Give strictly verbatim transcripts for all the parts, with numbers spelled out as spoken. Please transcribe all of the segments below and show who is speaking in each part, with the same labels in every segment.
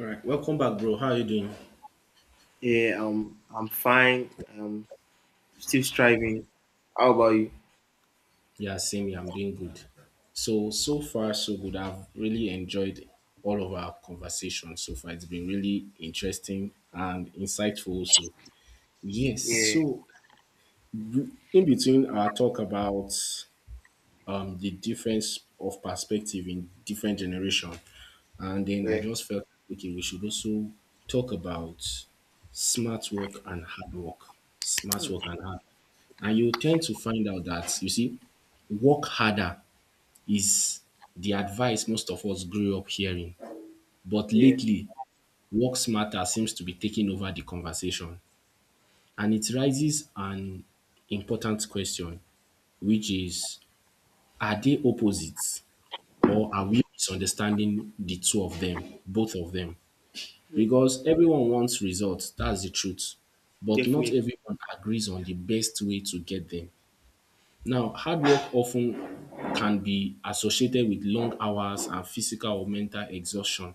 Speaker 1: All right, welcome back, bro. How are you doing?
Speaker 2: Yeah, um, I'm fine. I'm still striving. How about you?
Speaker 1: Yeah, same here. I'm doing good. So, so far, so good. I've really enjoyed all of our conversations so far. It's been really interesting and insightful, also. Yes.
Speaker 2: Yeah,
Speaker 1: So, in between our talk about um, the difference of perspective in different generation. And then I
Speaker 2: yeah.
Speaker 1: just felt, like, okay, we should also talk about smart work and hard work. Smart
Speaker 2: Hmm.
Speaker 1: work and hard. And you tend to find out that, you see, work harder is the advice most of us grew up hearing. But
Speaker 2: Yeah,
Speaker 1: lately, work smarter seems to be taking over the conversation. And it raises an important question, which is, are they opposites? Or are we misunderstanding the two of them, both of them?
Speaker 2: yeah,
Speaker 1: Because everyone wants results, that's the truth. But not
Speaker 2: definitely.
Speaker 1: everyone agrees on the best way to get them. Now, hard work often can be associated with long hours and physical or mental exhaustion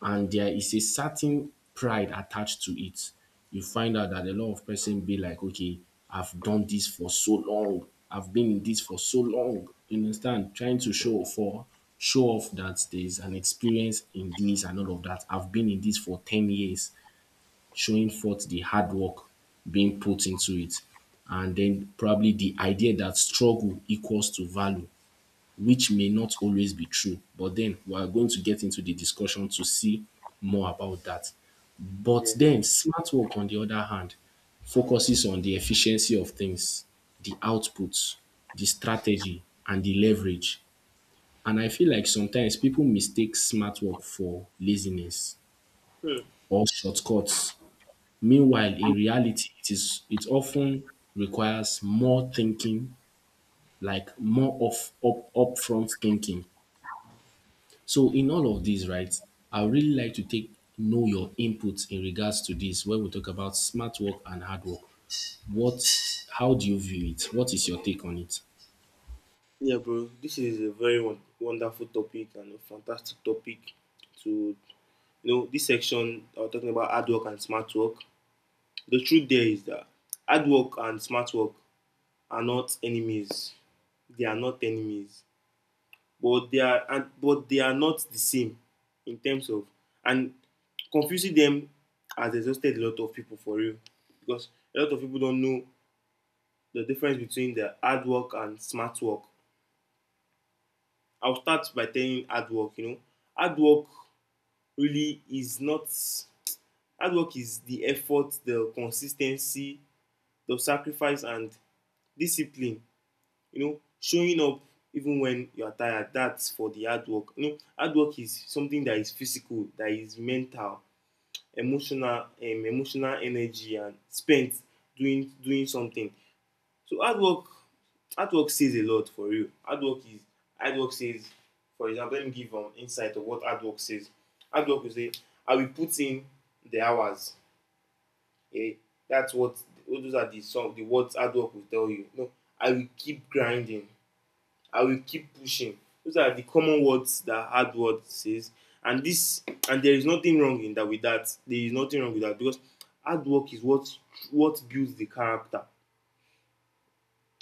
Speaker 1: and there is a certain pride attached to it. You find out that a lot of person be like, okay, I've done this for so long, I've been in this for so long. You understand? Trying to show for show off that there's an experience in this and all of that. I've been in this for ten years, showing forth the hard work being put into it. And then probably the idea that struggle equals to value which may not always be true. But then we are going to get into the discussion to see more about that. But
Speaker 2: Yeah.
Speaker 1: then smart work, on the other hand, focuses on the efficiency of things, the outputs, the strategy, and the leverage. And I feel like sometimes people mistake smart work for laziness or shortcuts. Meanwhile, in reality, it is it often requires more thinking, like more of up upfront thinking. So in all of these, right, I would really like to take know your input in regards to this when we talk about smart work and hard work. What how do you view it? What is your take on it?
Speaker 2: Yeah, bro. This is a very won- wonderful topic and a fantastic topic. To you know, this section I was talking about hard work and smart work. The truth there is that hard work and smart work are not enemies. They are not enemies. but they are and but they are not the same in terms of, and confusing them has exhausted a lot of people, for real, because a lot of people don't know the difference between the hard work and smart work. I'll start by telling hard work. You know, hard work really is not hard work is the effort, the consistency, the sacrifice, and discipline. You know, showing up even when you are tired, that's for the hard work. You know, hard work is something that is physical, that is mental, emotional, um, emotional energy and spent doing doing something. So hard work, hard work says a lot for you. Hard work is hard work says. For example, let me give an um, insight of what hard work says. Hard work will say, I will put in the hours. Yeah, that's what those are the some the words hard work will tell you. No, I will keep grinding. I will keep pushing. Those are the common words that hard word says. And this and there is nothing wrong in that with that. There is nothing wrong with that because hard work is what what builds the character.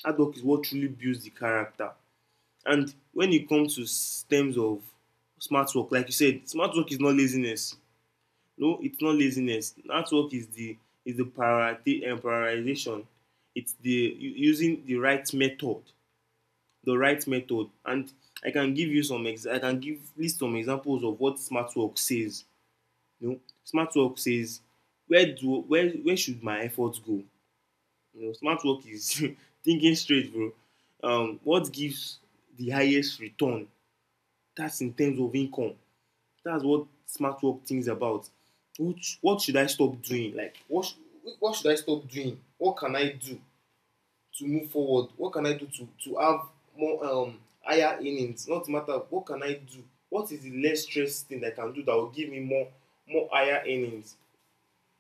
Speaker 2: Hard work is what truly builds the character. And when it comes to terms of smart work, like you said, smart work is not laziness. No, it's not laziness. Smart work is the is the priority and prioritization. It's the using the right method the right method, and i can give you some ex- I can give list some examples of what smart work says. You know, smart work says, where do where where should my efforts go? You know, smart work is thinking straight, bro. Um what gives the highest return? That's in terms of income. That's what smart work thinks about. Which what should I stop doing? Like, what sh- what should I stop doing? What can I do to move forward? What can I do to to have more, um higher earnings? Not matter what can I do? What is the less stress thing that I can do that will give me more more higher earnings?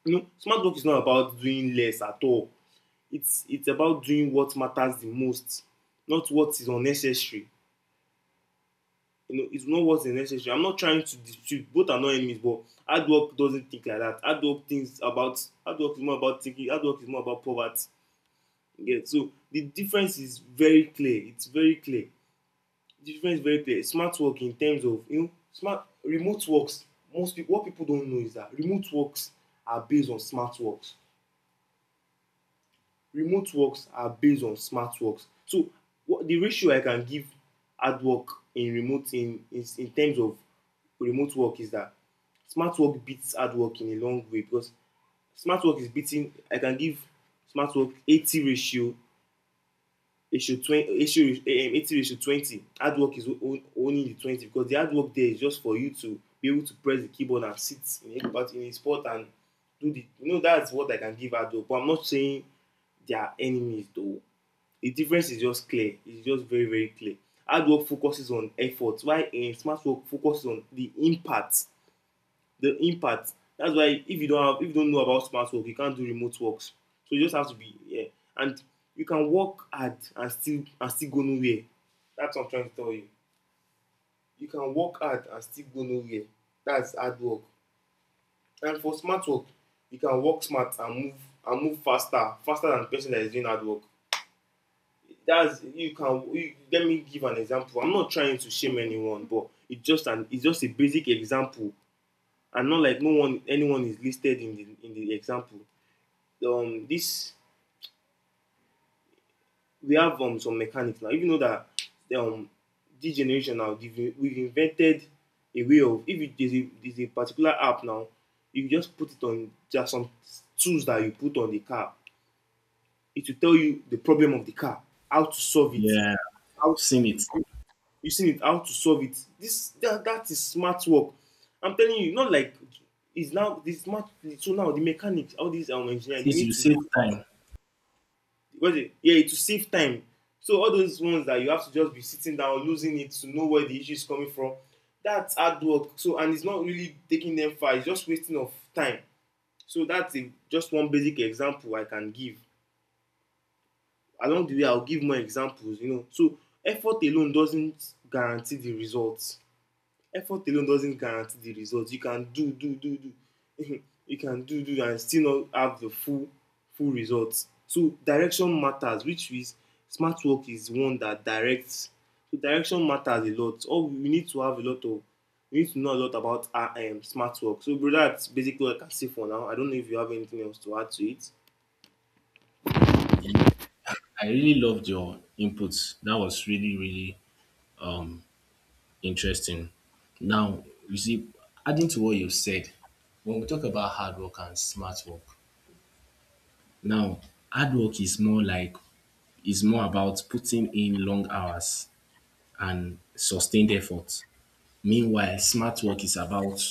Speaker 2: You know, smart work is not about doing less at all. It's it's about doing what matters the most, not what is unnecessary. You know, it's not what's unnecessary. I'm not trying to dispute, both are not enemies, but hard work doesn't think like that. Hard work thinks about hard work is more about thinking. Hard work is more about poverty. Yeah, so the difference is very clear. It's very clear. The difference is very clear. Smart work, in terms of, you know, smart remote works, most people what people don't know is that remote works are based on smart works. Remote works are based on smart works. So what the ratio I can give hard work in remote in in, in terms of remote work is that smart work beats hard work in a long way. Because smart work is beating I can give smart work eighty ratio issue twenty issue um, eighty ratio twenty. Hard work is o- only the twenty, because the hard work there is just for you to be able to press the keyboard and sit in a part in a spot and do the, you know, that's what I can give hard work. But I'm not saying they are enemies, though. The difference is just clear. It's just very, very clear. Hard work focuses on effort while, um, smart work focuses on the impact. The impact, that's why if you don't have if you don't know about smart work, you can't do remote works. So you just have to be, yeah. And you can work hard and still and still go nowhere. That's what I'm trying to tell you. You can work hard and still go nowhere. That's hard work. And for smart work, you can work smart and move and move faster faster than the person that is doing hard work. That's you can you, Let me give an example. I'm not trying to shame anyone, but it's just an it's just a basic example, and not like no one anyone is listed in the in the example. Um this we have um some mechanics now. Even though that, um this generation now, we've invented a way of, if you, there's a there's a particular app now, you just put it on, just some tools that you put on the car. It will tell you the problem of the car, how to solve it,
Speaker 1: Yeah,
Speaker 2: how.
Speaker 1: I've seen it.
Speaker 2: You seen it, how to solve it. This that, that is smart work. I'm telling you, not like it's now this smart. So now the mechanics, all these um
Speaker 1: At
Speaker 2: engineers, they
Speaker 1: least
Speaker 2: need
Speaker 1: you
Speaker 2: to,
Speaker 1: save time.
Speaker 2: what is it? Yeah, to save time. So all those ones that you have to just be sitting down, losing it to know where the issue is coming from, that's hard work. So, and it's not really taking them far. It's just wasting of time. So that's, a, just one basic example I can give. Along the way, I'll give more examples. You know, so effort alone doesn't guarantee the results. Effort alone doesn't guarantee the result. You can do, do, do, do. You can do, do, and still not have the full, full results. So direction matters, which is smart work is one that directs. So direction matters a lot. All we need to have a lot of, We need to know a lot about our, um, smart work. So, brother, that's basically what I can say for now. I don't know if you have anything else to add to it.
Speaker 1: I really loved your inputs. That was really, really um interesting. Now, you see, adding to what you said, when we talk about hard work and smart work, now hard work is more like is more about putting in long hours and sustained effort. Meanwhile, smart work is about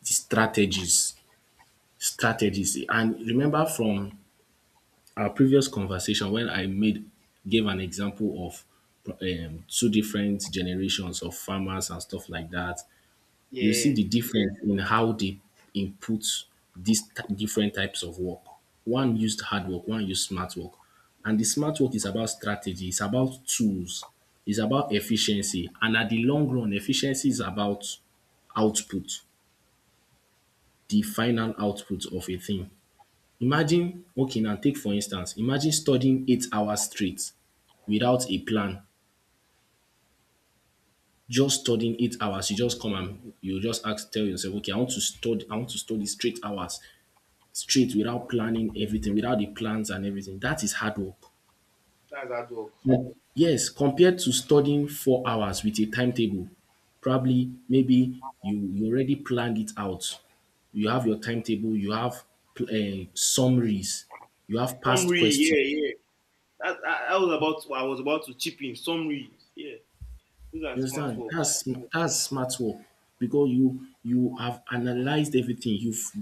Speaker 1: the strategies, strategies. And remember from our previous conversation when I made gave an example of um, two different generations of farmers and stuff like that, you see
Speaker 2: Yeah,
Speaker 1: the difference in how they input these t- different types of work. One used hard work, one used smart work. And the smart work is about strategy, it's about tools, it's about efficiency. And at the long run, efficiency is about output, the final output of a thing. Imagine, okay, now take for instance, imagine studying eight hours straight without a plan. Just studying eight hours, you just come and you just ask, tell yourself, okay, I want to study, I want to study straight hours straight without planning everything, without the plans and everything. That is hard work.
Speaker 2: that's hard work.
Speaker 1: Mm. Yes, compared to studying four hours with a timetable, probably maybe you you already planned it out. You have your timetable, you have uh, summaries, you have past
Speaker 2: Summary,
Speaker 1: questions.
Speaker 2: yeah, yeah. That, I, I was about to, I was about to chip in. Summary, yeah. Those are
Speaker 1: You
Speaker 2: smart
Speaker 1: understand?
Speaker 2: works.
Speaker 1: That's that's smart work because you you have analyzed everything. You've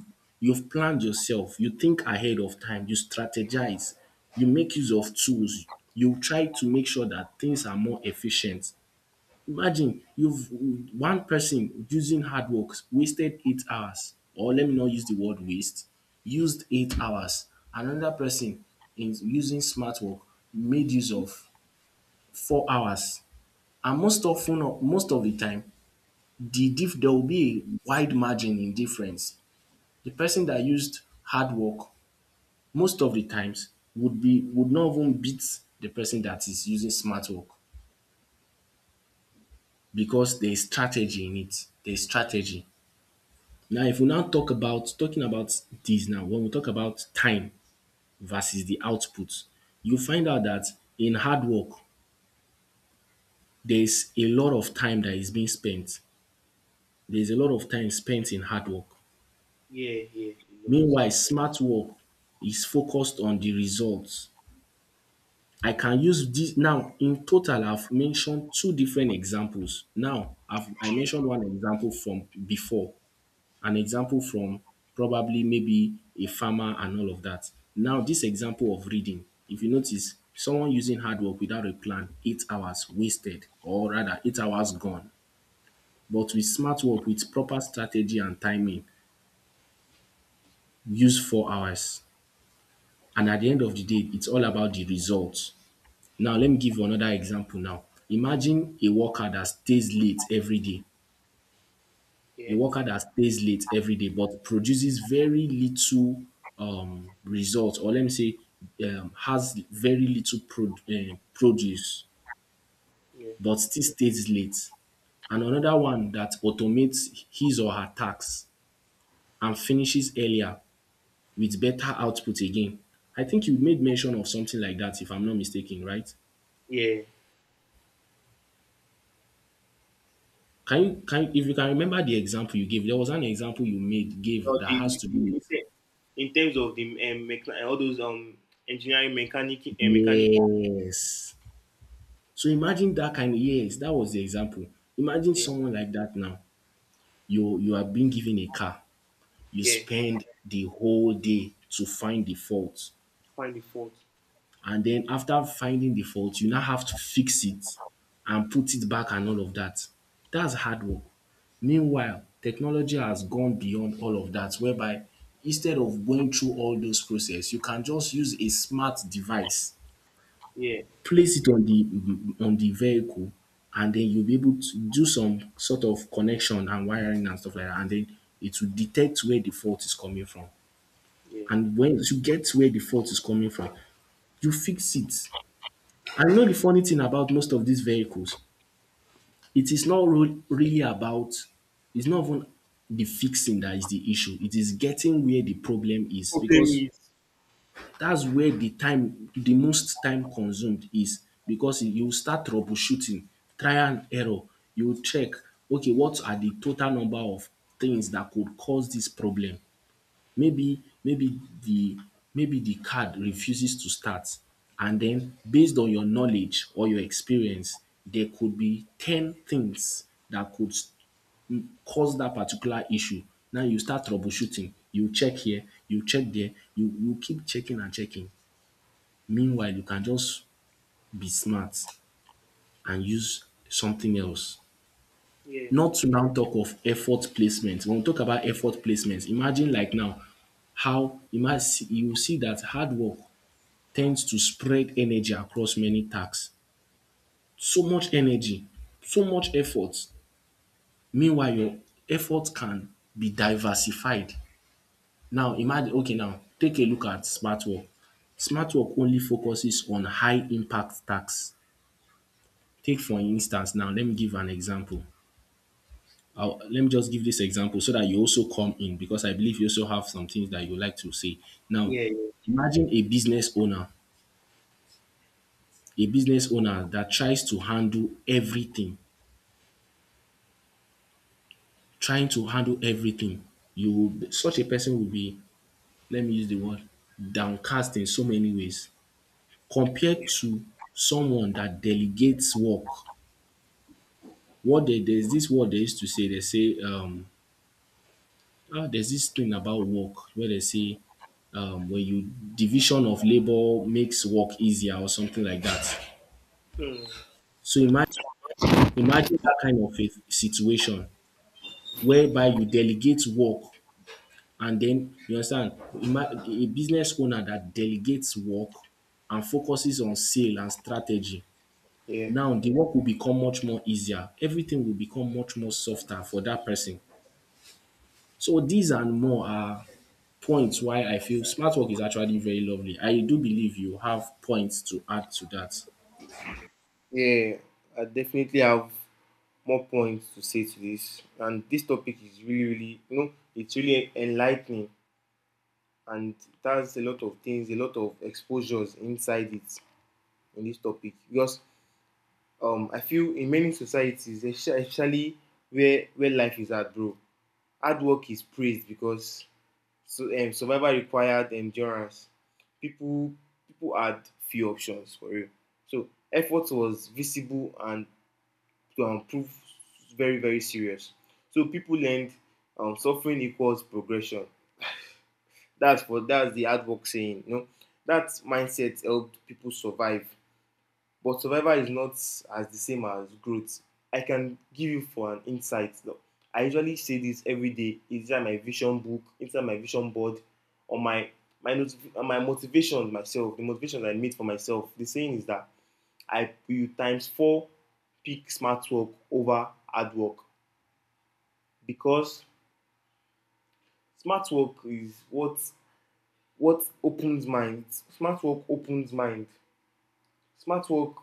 Speaker 1: You've planned yourself. You think ahead of time. You strategize. You make use of tools. You try to make sure that things are more efficient. Imagine you've One person using hard work wasted eight hours, or let me not use the word waste, used eight hours. Another person is using smart work made use of four hours and most often most of the time the diff there will be a wide margin in difference. The person that used hard work most of the times would be would not even beat the person that is using smart work because there is strategy in it. There is strategy. Now if we now talk about talking about this now when we talk about time versus the output, you find out that in hard work there is a lot of time that is being spent. There is a lot of time spent in hard work.
Speaker 2: Yeah, yeah, a lot.
Speaker 1: Meanwhile, smart work is focused on the results. I can use this now in total I've mentioned two different examples. Now I've I mentioned one example from before, an example from probably maybe a farmer and all of that. Now this example of reading, if you notice someone using hard work without a plan, eight hours wasted or rather eight hours gone. But with smart work, with proper strategy and timing, use four hours. And at the end of the day, it's all about the results. Now let me give you another example now. Imagine a worker that stays late every day. A
Speaker 2: Yeah,
Speaker 1: worker that stays late every day but produces very little um, result, or let me say, um, has very little pro- eh, produce
Speaker 2: yeah,
Speaker 1: but still stays late. And another one that automates his or her tasks and finishes earlier with better output again. I think you made mention of something like that, if I'm not mistaken, right?
Speaker 2: yeah.
Speaker 1: Can you can you- if you can remember the example you gave, there was an example you made gave
Speaker 2: So
Speaker 1: that has
Speaker 2: the,
Speaker 1: to do
Speaker 2: the
Speaker 1: with
Speaker 2: in terms of the, um, mecha- all those um engineering mechanic uh, mechanic.
Speaker 1: yes. So imagine that kind of yes, that was the example. Imagine
Speaker 2: Yeah,
Speaker 1: someone like that now. You you are being given a car. You
Speaker 2: yeah.
Speaker 1: spend the whole day to find the fault.
Speaker 2: Find the fault.
Speaker 1: And then after finding the fault, you now have to fix it and put it back and all of that. That's hard work. Meanwhile, technology has gone beyond all of that, whereby instead of going through all those process, you can just use a smart device,
Speaker 2: Yeah,
Speaker 1: place it on the on the vehicle, and then you'll be able to do some sort of connection and wiring and stuff like that, and then it will detect where the fault is coming from.
Speaker 2: yeah.
Speaker 1: And when you get where the fault is coming from, you fix it. I know the funny thing about most of these vehicles, it is not ru- really about, it's not even the fixing that is the issue. It is getting where the problem is
Speaker 2: Problem
Speaker 1: because
Speaker 2: is.
Speaker 1: that's where the time, the most time consumed is because you start troubleshooting, trial and error. You check, okay, what are the total number of things that could cause this problem? maybe maybe the maybe the card refuses to start, and then based on your knowledge or your experience there could be ten things that could s- cause that particular issue. Now you start troubleshooting, you check here, you check there, you you keep checking and checking. Meanwhile, you can just be smart and use something else,
Speaker 2: Yeah,
Speaker 1: not to now talk of effort placement. When we talk about effort placement, imagine like now how you might see you see that hard work tends to spread energy across many tasks. So much energy, so much effort. Meanwhile, your effort can be diversified. Now, imagine, okay, now take a look at smart work. Smart work only focuses on high impact tasks. Take for instance now, let me give an example. I'll, let me just give this example so that you also come in because I believe you also have some things that you like to say. Now,
Speaker 2: yeah, yeah.
Speaker 1: imagine a business owner, a business owner that tries to handle everything, trying to handle everything, you will be- such a person will be, let me use the word, downcast in so many ways compared to someone that delegates work. What they There's this word they used to say, they say um ah there's this thing about work where they say um when you division of labor makes work easier or something like that.
Speaker 2: Hmm.
Speaker 1: So imagine imagine that kind of a situation whereby you delegate work. And then you understand ima a business owner that delegates work and focuses on sale and strategy.
Speaker 2: Yeah,
Speaker 1: Now the work will become much more easier. Everything will become much more softer for that person. So these and more are points why I feel smart work is actually very lovely. I do believe you have points to add to that.
Speaker 2: yeah. I definitely have more points to say to this, and this topic is really, really, you know, it's really enlightening, and it has a lot of things, a lot of exposures inside it, in this topic. Because, um, I feel in many societies, especially where where life is hard, bro, hard work is praised because, so um, survival required endurance. People People had few options, for real, so effort was visible, and to improve, very, very serious. So people learned, um, suffering equals progression. That's for that's the hard work saying. You know, that mindset helped people survive, but survival is not as the same as growth. I can give you for an insight, though. I usually say this every day inside my vision book, inside my vision board, on my my notif- on my motivation, myself, the motivation I made for myself. The saying is that I you times four pick smart work over hard work, because smart work is what what opens mind. Smart work opens mind. Smart work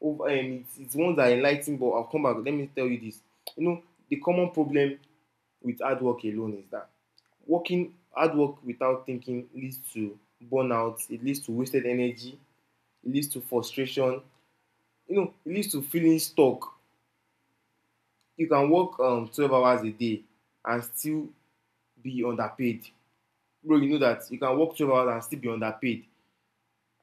Speaker 2: over um, it's, it's ones that enligh ten, but I'll come back. Let me tell you this. You know, the common problem with hard work alone is that working hard work without thinking leads to burnout, it leads to wasted energy, it leads to frustration, you know, it leads to feeling stuck. You can work, um, twelve hours a day and still be underpaid. Bro, you know that you can work twelve hours and still be underpaid.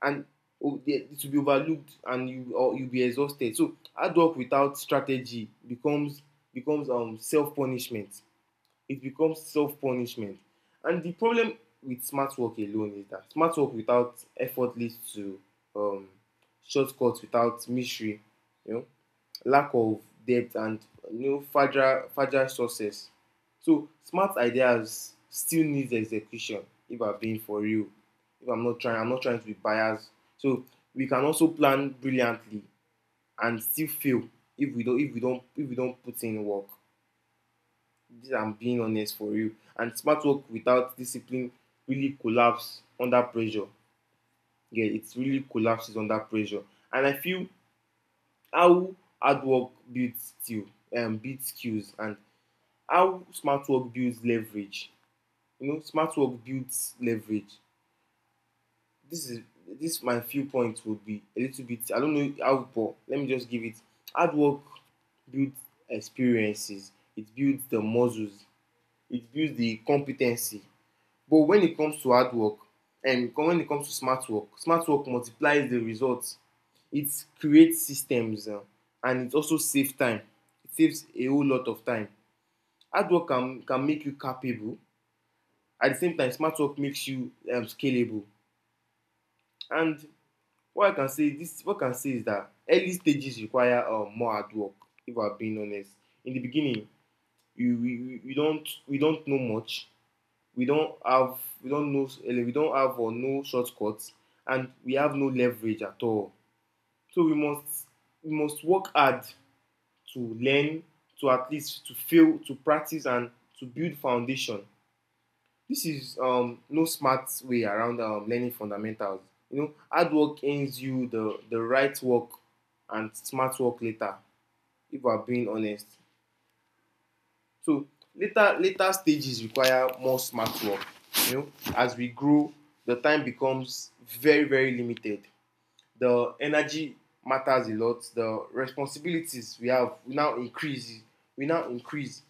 Speaker 2: And, oh, it will be overlooked, and you or you'll be exhausted. So hard work without strategy becomes, becomes um self punishment. It becomes self punishment. And the problem with smart work alone is that smart work without effort leads to, um, shortcuts without mystery, you know, lack of depth, and, you know, fragile, fragile success. So smart ideas still needs execution, if I'm being for real. If I'm not trying, I'm not trying to be biased. So we can also plan brilliantly and still fail if we don't if we don't if we don't put in work. I'm being honest for you. And smart work without discipline really collapses under pressure. Yeah, it really collapses under pressure. And I feel how hard work builds skill, um, builds skills, and how smart work builds leverage. You know, smart work builds leverage. This is this my few points would be a little bit. I don't know how, but let me just give it. Hard work builds experiences. It builds the muscles. It builds the competency. But when it comes to hard work, um, when it comes to smart work, smart work multiplies the results. It creates systems, um, and it also saves time. It saves a whole lot of time. Hard work can, can make you capable. At the same time, smart work makes you um, scalable. And what I can say this what I can say is that early stages require um, more hard work, if I'm being honest. In the beginning, you, we, we, we don't we don't know much. We don't have, we don't know eh, we don't have or no shortcuts, and we have no leverage at all, so we must we must work hard to learn, to at least to fail, to practice, and to build foundation. This is um, no smart way around um, learning fundamentals. You know, hard work earns you the the right work and smart work later, if we are being honest. So later later stages require more smart work. You know, as we grow, the time becomes very very limited. The energy matters a lot. The responsibilities we have now increase. We now increase,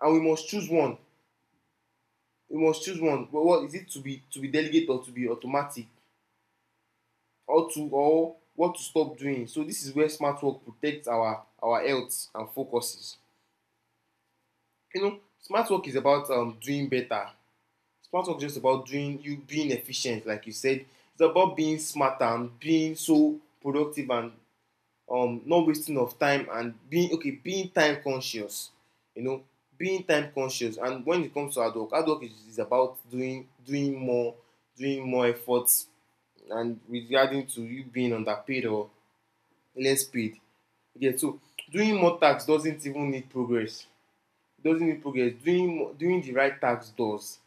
Speaker 2: and we must choose one. We must choose one. Well, what is it to be, to be delegated or to be automatic, or to, or what to stop doing? So this is where smart work protects our our health and focuses. You know, smart work is about um, doing better. Smart work is just about doing, you being efficient like you said. It's about being smart and being so productive, and um not wasting of time, and being okay, being time conscious, you know, being time conscious. And when it comes to hard work, hard work is, is about doing doing more, doing more efforts. And regarding to you being underpaid or less paid, okay, so doing more tax doesn't even need progress, doesn't need progress. Doing doing the right tax does,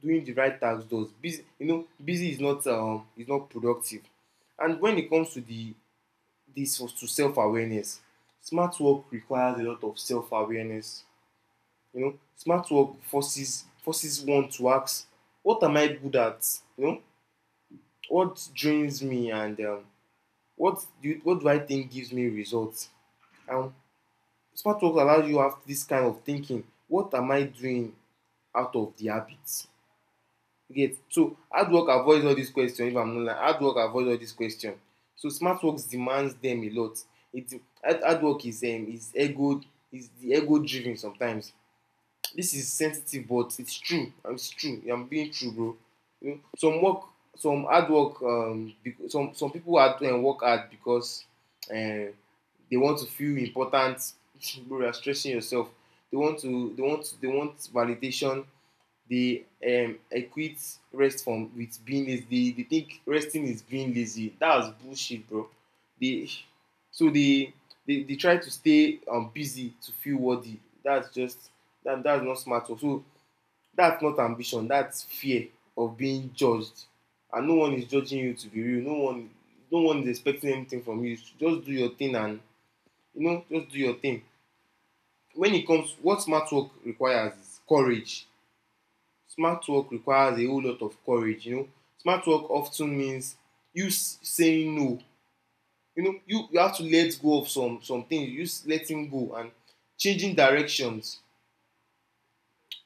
Speaker 2: doing the right task does. Busy, you know, busy is not um is not productive. And when it comes to the this to self awareness, smart work requires a lot of self awareness. You know, smart work forces forces one to ask, what am I good at? You know, what drains me? And um, what do you, what do I think gives me results? And smart work allows you to have this kind of thinking. What am I doing out of the habits? Get, so hard work avoids all these questions. If I'm not lie, hard work avoids all these questions. So smart works demands them a lot. It hard hard work is, um is ego, is the ego driven sometimes. This is sensitive, but it's true, it's true. Yeah, I'm being true, bro. You know, some work, some hard work, um some some people are doing work hard because, um, they want to feel important. Bro, you are stressing yourself. They want to, they want they want validation. They um, equate rest from with being lazy. They, they think resting is being lazy. That was bullshit, bro. They, so they they, they try to stay um, busy to feel worthy. That's just, that that's not smart work. So that's not ambition. That's fear of being judged, and no one is judging you, to be real. No one, no one is expecting anything from you. Just do your thing, and you know, just do your thing. When it comes, what smart work requires is courage. Smart work requires a whole lot of courage, you know. Smart work often means you saying no. You know, you, you have to let go of some some things. You s- letting go and changing directions.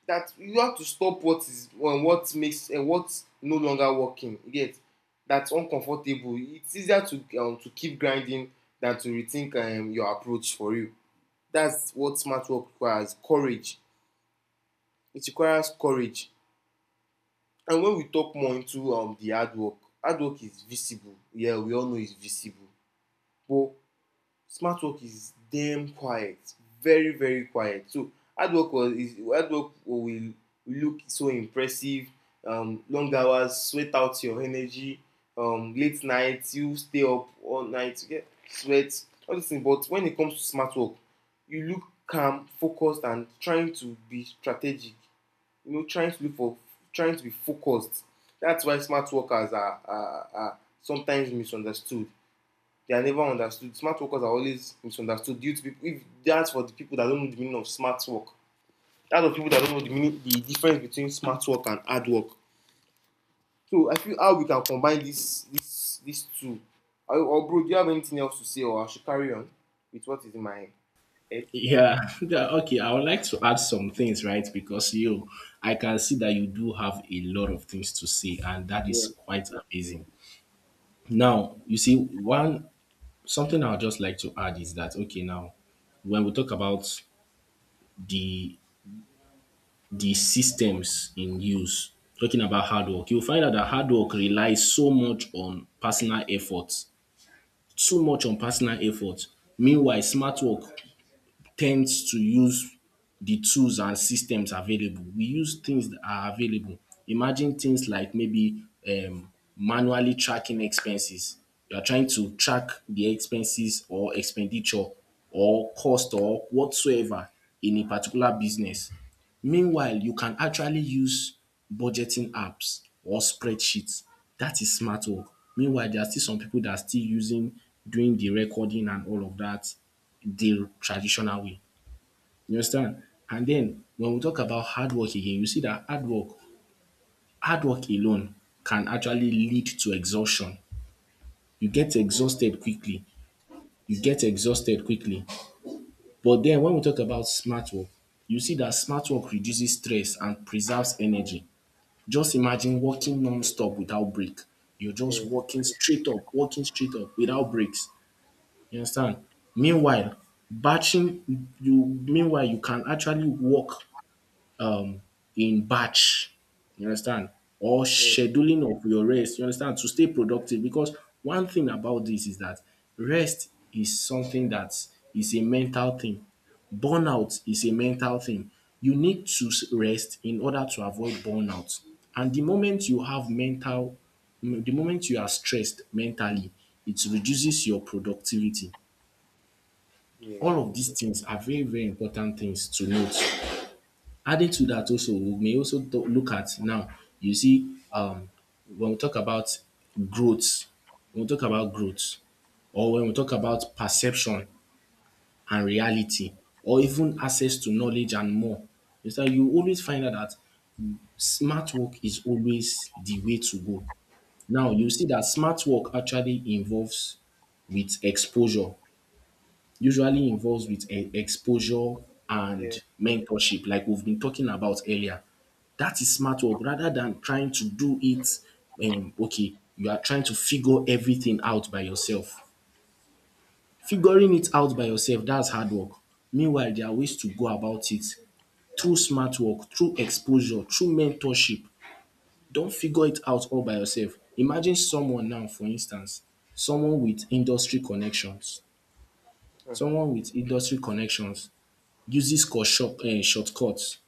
Speaker 2: That you have to stop what is, well, what makes, and uh, what's no longer working. Yet, that's uncomfortable. It's easier to um, to keep grinding than to rethink um, your approach for you. That's what smart work requires, courage. It requires courage. And when we talk more into um, the hard work, hard work is visible. Yeah, we all know it's visible. But smart work is damn quiet, very, very quiet. So hard work was is hard work will look so impressive. Um, long hours, sweat out your energy. Um, late nights, you stay up all night, you get sweat, all these things. But when it comes to smart work, you look calm, focused, and trying to be strategic. You know, trying to look for, trying to be focused. That's why smart workers are are, are sometimes misunderstood. They are never understood. Smart workers are always misunderstood due to people, if that's for the people that don't know the meaning of smart work. That's for people that don't know the meaning, the difference between smart work and hard work. So I feel how we can combine this this these two. Or, bro, do you have anything else to say, or I should carry on with what is in my head?
Speaker 1: Yeah, yeah, okay. I would like to add some things, right? Because you, I can see that you do have a lot of things to say, and that
Speaker 2: yeah
Speaker 1: is quite amazing. Now, you see, one something I'd just like to add is that okay, now when we talk about the the systems in use, talking about hard work, you'll find out that hard work relies so much on personal effort, too much on personal effort. Meanwhile, smart work tends to use the tools and systems available. We use things that are available. Imagine things like maybe um, manually tracking expenses. You are trying to track the expenses or expenditure or cost or whatsoever in a particular business. Meanwhile, you can actually use budgeting apps or spreadsheets. That is smart work. Meanwhile, there are still some people that are still using doing the recording and all of that the traditional way. You understand? And then when we talk about hard work again, you see that hard work, hard work alone can actually lead to exhaustion. You get exhausted quickly. You get exhausted quickly. But then when we talk about smart work, you see that smart work reduces stress and preserves energy. Just imagine working non-stop without break. You're just
Speaker 2: yeah
Speaker 1: working straight up, working straight up without breaks. You understand? Meanwhile, batching you meanwhile you can actually work um in batch. You understand? Or
Speaker 2: yeah
Speaker 1: scheduling of your rest. You understand? To stay productive. Because one thing about this is that rest is something that is a mental thing. Burnout is a mental thing. You need to s- rest in order to avoid burnout. And the moment you have mental, mm, the moment you are stressed mentally, it reduces your productivity.
Speaker 2: yeah
Speaker 1: All of these things are very, very important things to note. Added to that also, we may also talk, look at now, you see, um, when we talk about growth, when we talk about growth, or when we talk about perception and reality, or even access to knowledge and more, is that you always find out that smart work is always the way to go. Now, you see that smart work actually involves with exposure usually involves with e- exposure
Speaker 2: yeah
Speaker 1: and mentorship, like we've been talking about earlier. That is smart work rather than trying to do it. Um, okay, you are trying to figure everything out by yourself. Figuring it out by yourself, that's hard work. Meanwhile, there are ways to go about it through smart work, through exposure, through mentorship. Don't figure it out all by yourself. Imagine someone now, for instance, someone with industry connections,
Speaker 2: mm,
Speaker 1: someone with industry connections uses short, um, shortcuts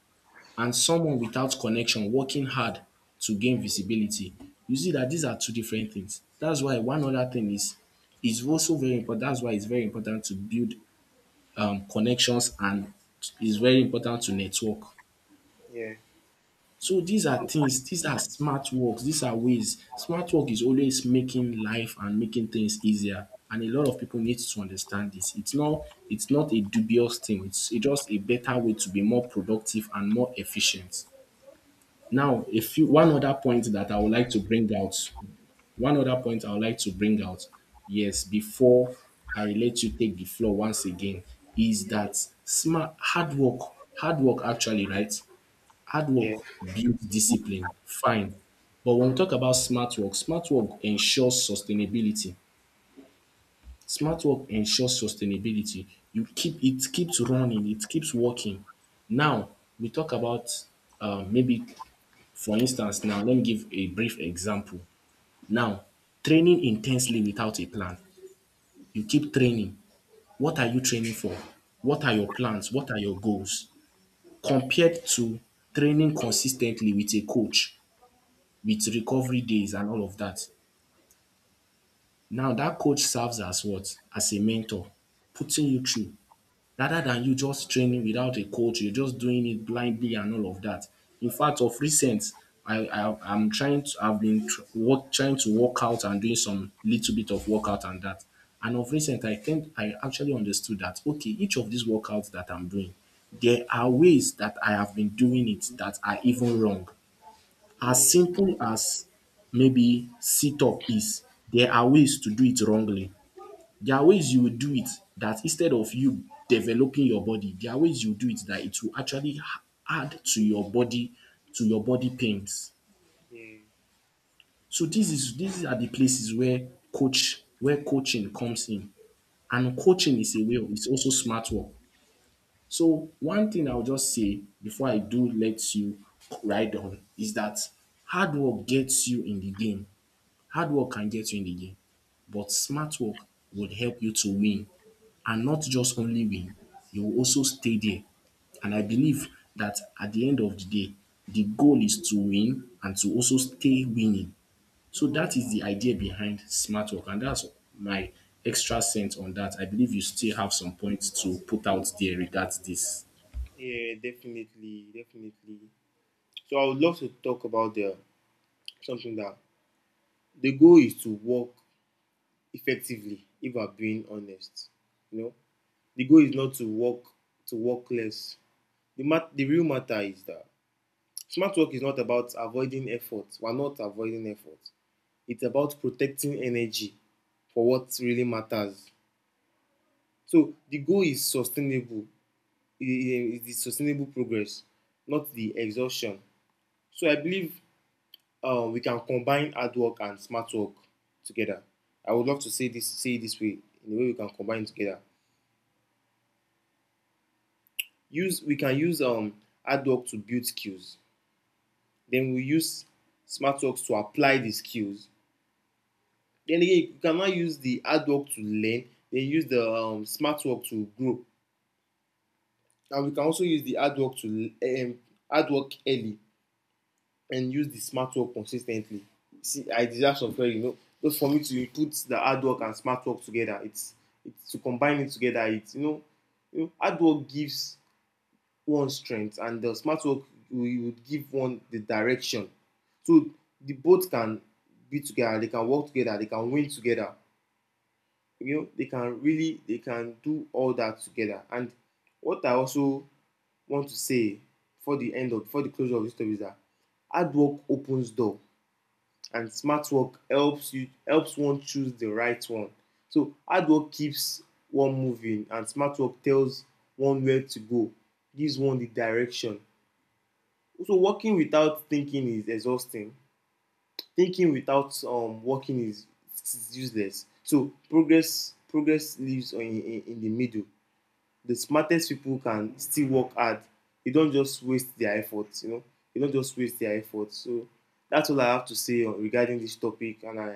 Speaker 1: and someone without connection working hard to gain visibility. You see that these are two different things. That's why one other thing is is also very important. That's why it's very important to build um, connections and it's very important to network.
Speaker 2: yeah
Speaker 1: So these are things, these are smart works, these are ways. Smart work is always making life and making things easier and a lot of people need to understand this. It's not it's not a dubious thing. It's a- just a better way to be more productive and more efficient. Now, a few one other point that I would like to bring out, one other point I would like to bring out, yes, before I let you take the floor once again, is that smart hard work, hard work actually, right? Hard work
Speaker 2: yeah
Speaker 1: builds discipline, fine. But when we talk about smart work, smart work ensures sustainability. Smart work ensures sustainability. You keep it keeps running, it keeps working. Now we talk about um maybe for instance now let me give a brief example. Now training intensely without a plan. You keep training. What are you training for? What are your plans? What are your goals? Compared to training consistently with a coach with recovery days and all of that. Now that coach serves as what? As a mentor, putting you through rather than you just training without a coach, you're just doing it blindly and all of that. In fact, of recent, I, I I'm trying to I've been tr- work, trying to work out and doing some little bit of workout and that. And of recent, I think I actually understood that okay, each of these workouts that I'm doing, there are ways that I have been doing it that are even wrong as
Speaker 2: yeah
Speaker 1: simple as maybe sit up is, there are ways to do it wrongly. There are ways you will do it that instead of you developing your body, there are ways you do it that it will actually ha- add to your body, to your body pains.
Speaker 2: yeah
Speaker 1: So this is these are the places where coach where coaching comes in. And coaching is a way of it's also smart work. So one thing I'll just say before I do let you ride on is that hard work gets you in the game. Hard work can get you in the game, but smart work would help you to win and not just only win, you will also stay there. And I believe that at the end of the day, the goal is to win and to also stay winning. So that is the idea behind smart work, and that's my extra cent on that. I believe you still have some points to put out there regards this.
Speaker 2: Yeah, definitely, definitely. So I would love to talk about the something that the goal is to work effectively. If I'm being honest, you know, the goal is not to work, to work less. The mat- the real matter is that smart work is not about avoiding effort. We're not avoiding effort. It's about protecting energy for what really matters. So the goal is sustainable. It is sustainable progress, not the exhaustion. So I believe um, we can combine hard work and smart work together. I would love to say this say it this way, in a way we can combine together. Use We can use um, hard work to build skills. Then we use smart work to apply the skills. Then again, you can now use the hard work to learn. Then use the um, smart work to grow. And we can also use the hard work to, um, hard work early, and use the smart work consistently. See, I deserve some credit, you know. Just for me to put the hard work and smart work together, it's it's to combine it together. It's, you know, you know, hard work gives one strength, and the smart work will would give one the direction. So the both can be together. They can work together. They can win together. You know, they can really, they can do all that together. And what I also want to say for the end of, for the closure of this story is that hard work opens door, and smart work helps you, helps one choose the right one. So hard work keeps one moving, and smart work tells one where to go, gives one the direction. So working without thinking is exhausting. Thinking without um working is, is useless. So progress progress lives on in, in, in the middle. The smartest people can still work hard. They don't just waste their efforts, you know. They don't just waste their efforts. So that's all I have to say on, regarding this topic, and I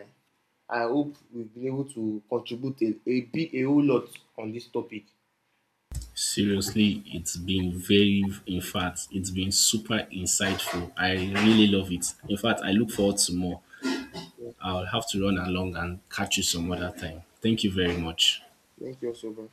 Speaker 2: I hope we've been able to contribute a, a big a whole lot on this topic.
Speaker 1: Seriously, it's been very, in fact, it's been super insightful. I really love it. In fact, I look forward to more. I'll have to run along and catch you some other time. Thank you very much.
Speaker 2: Thank you so much.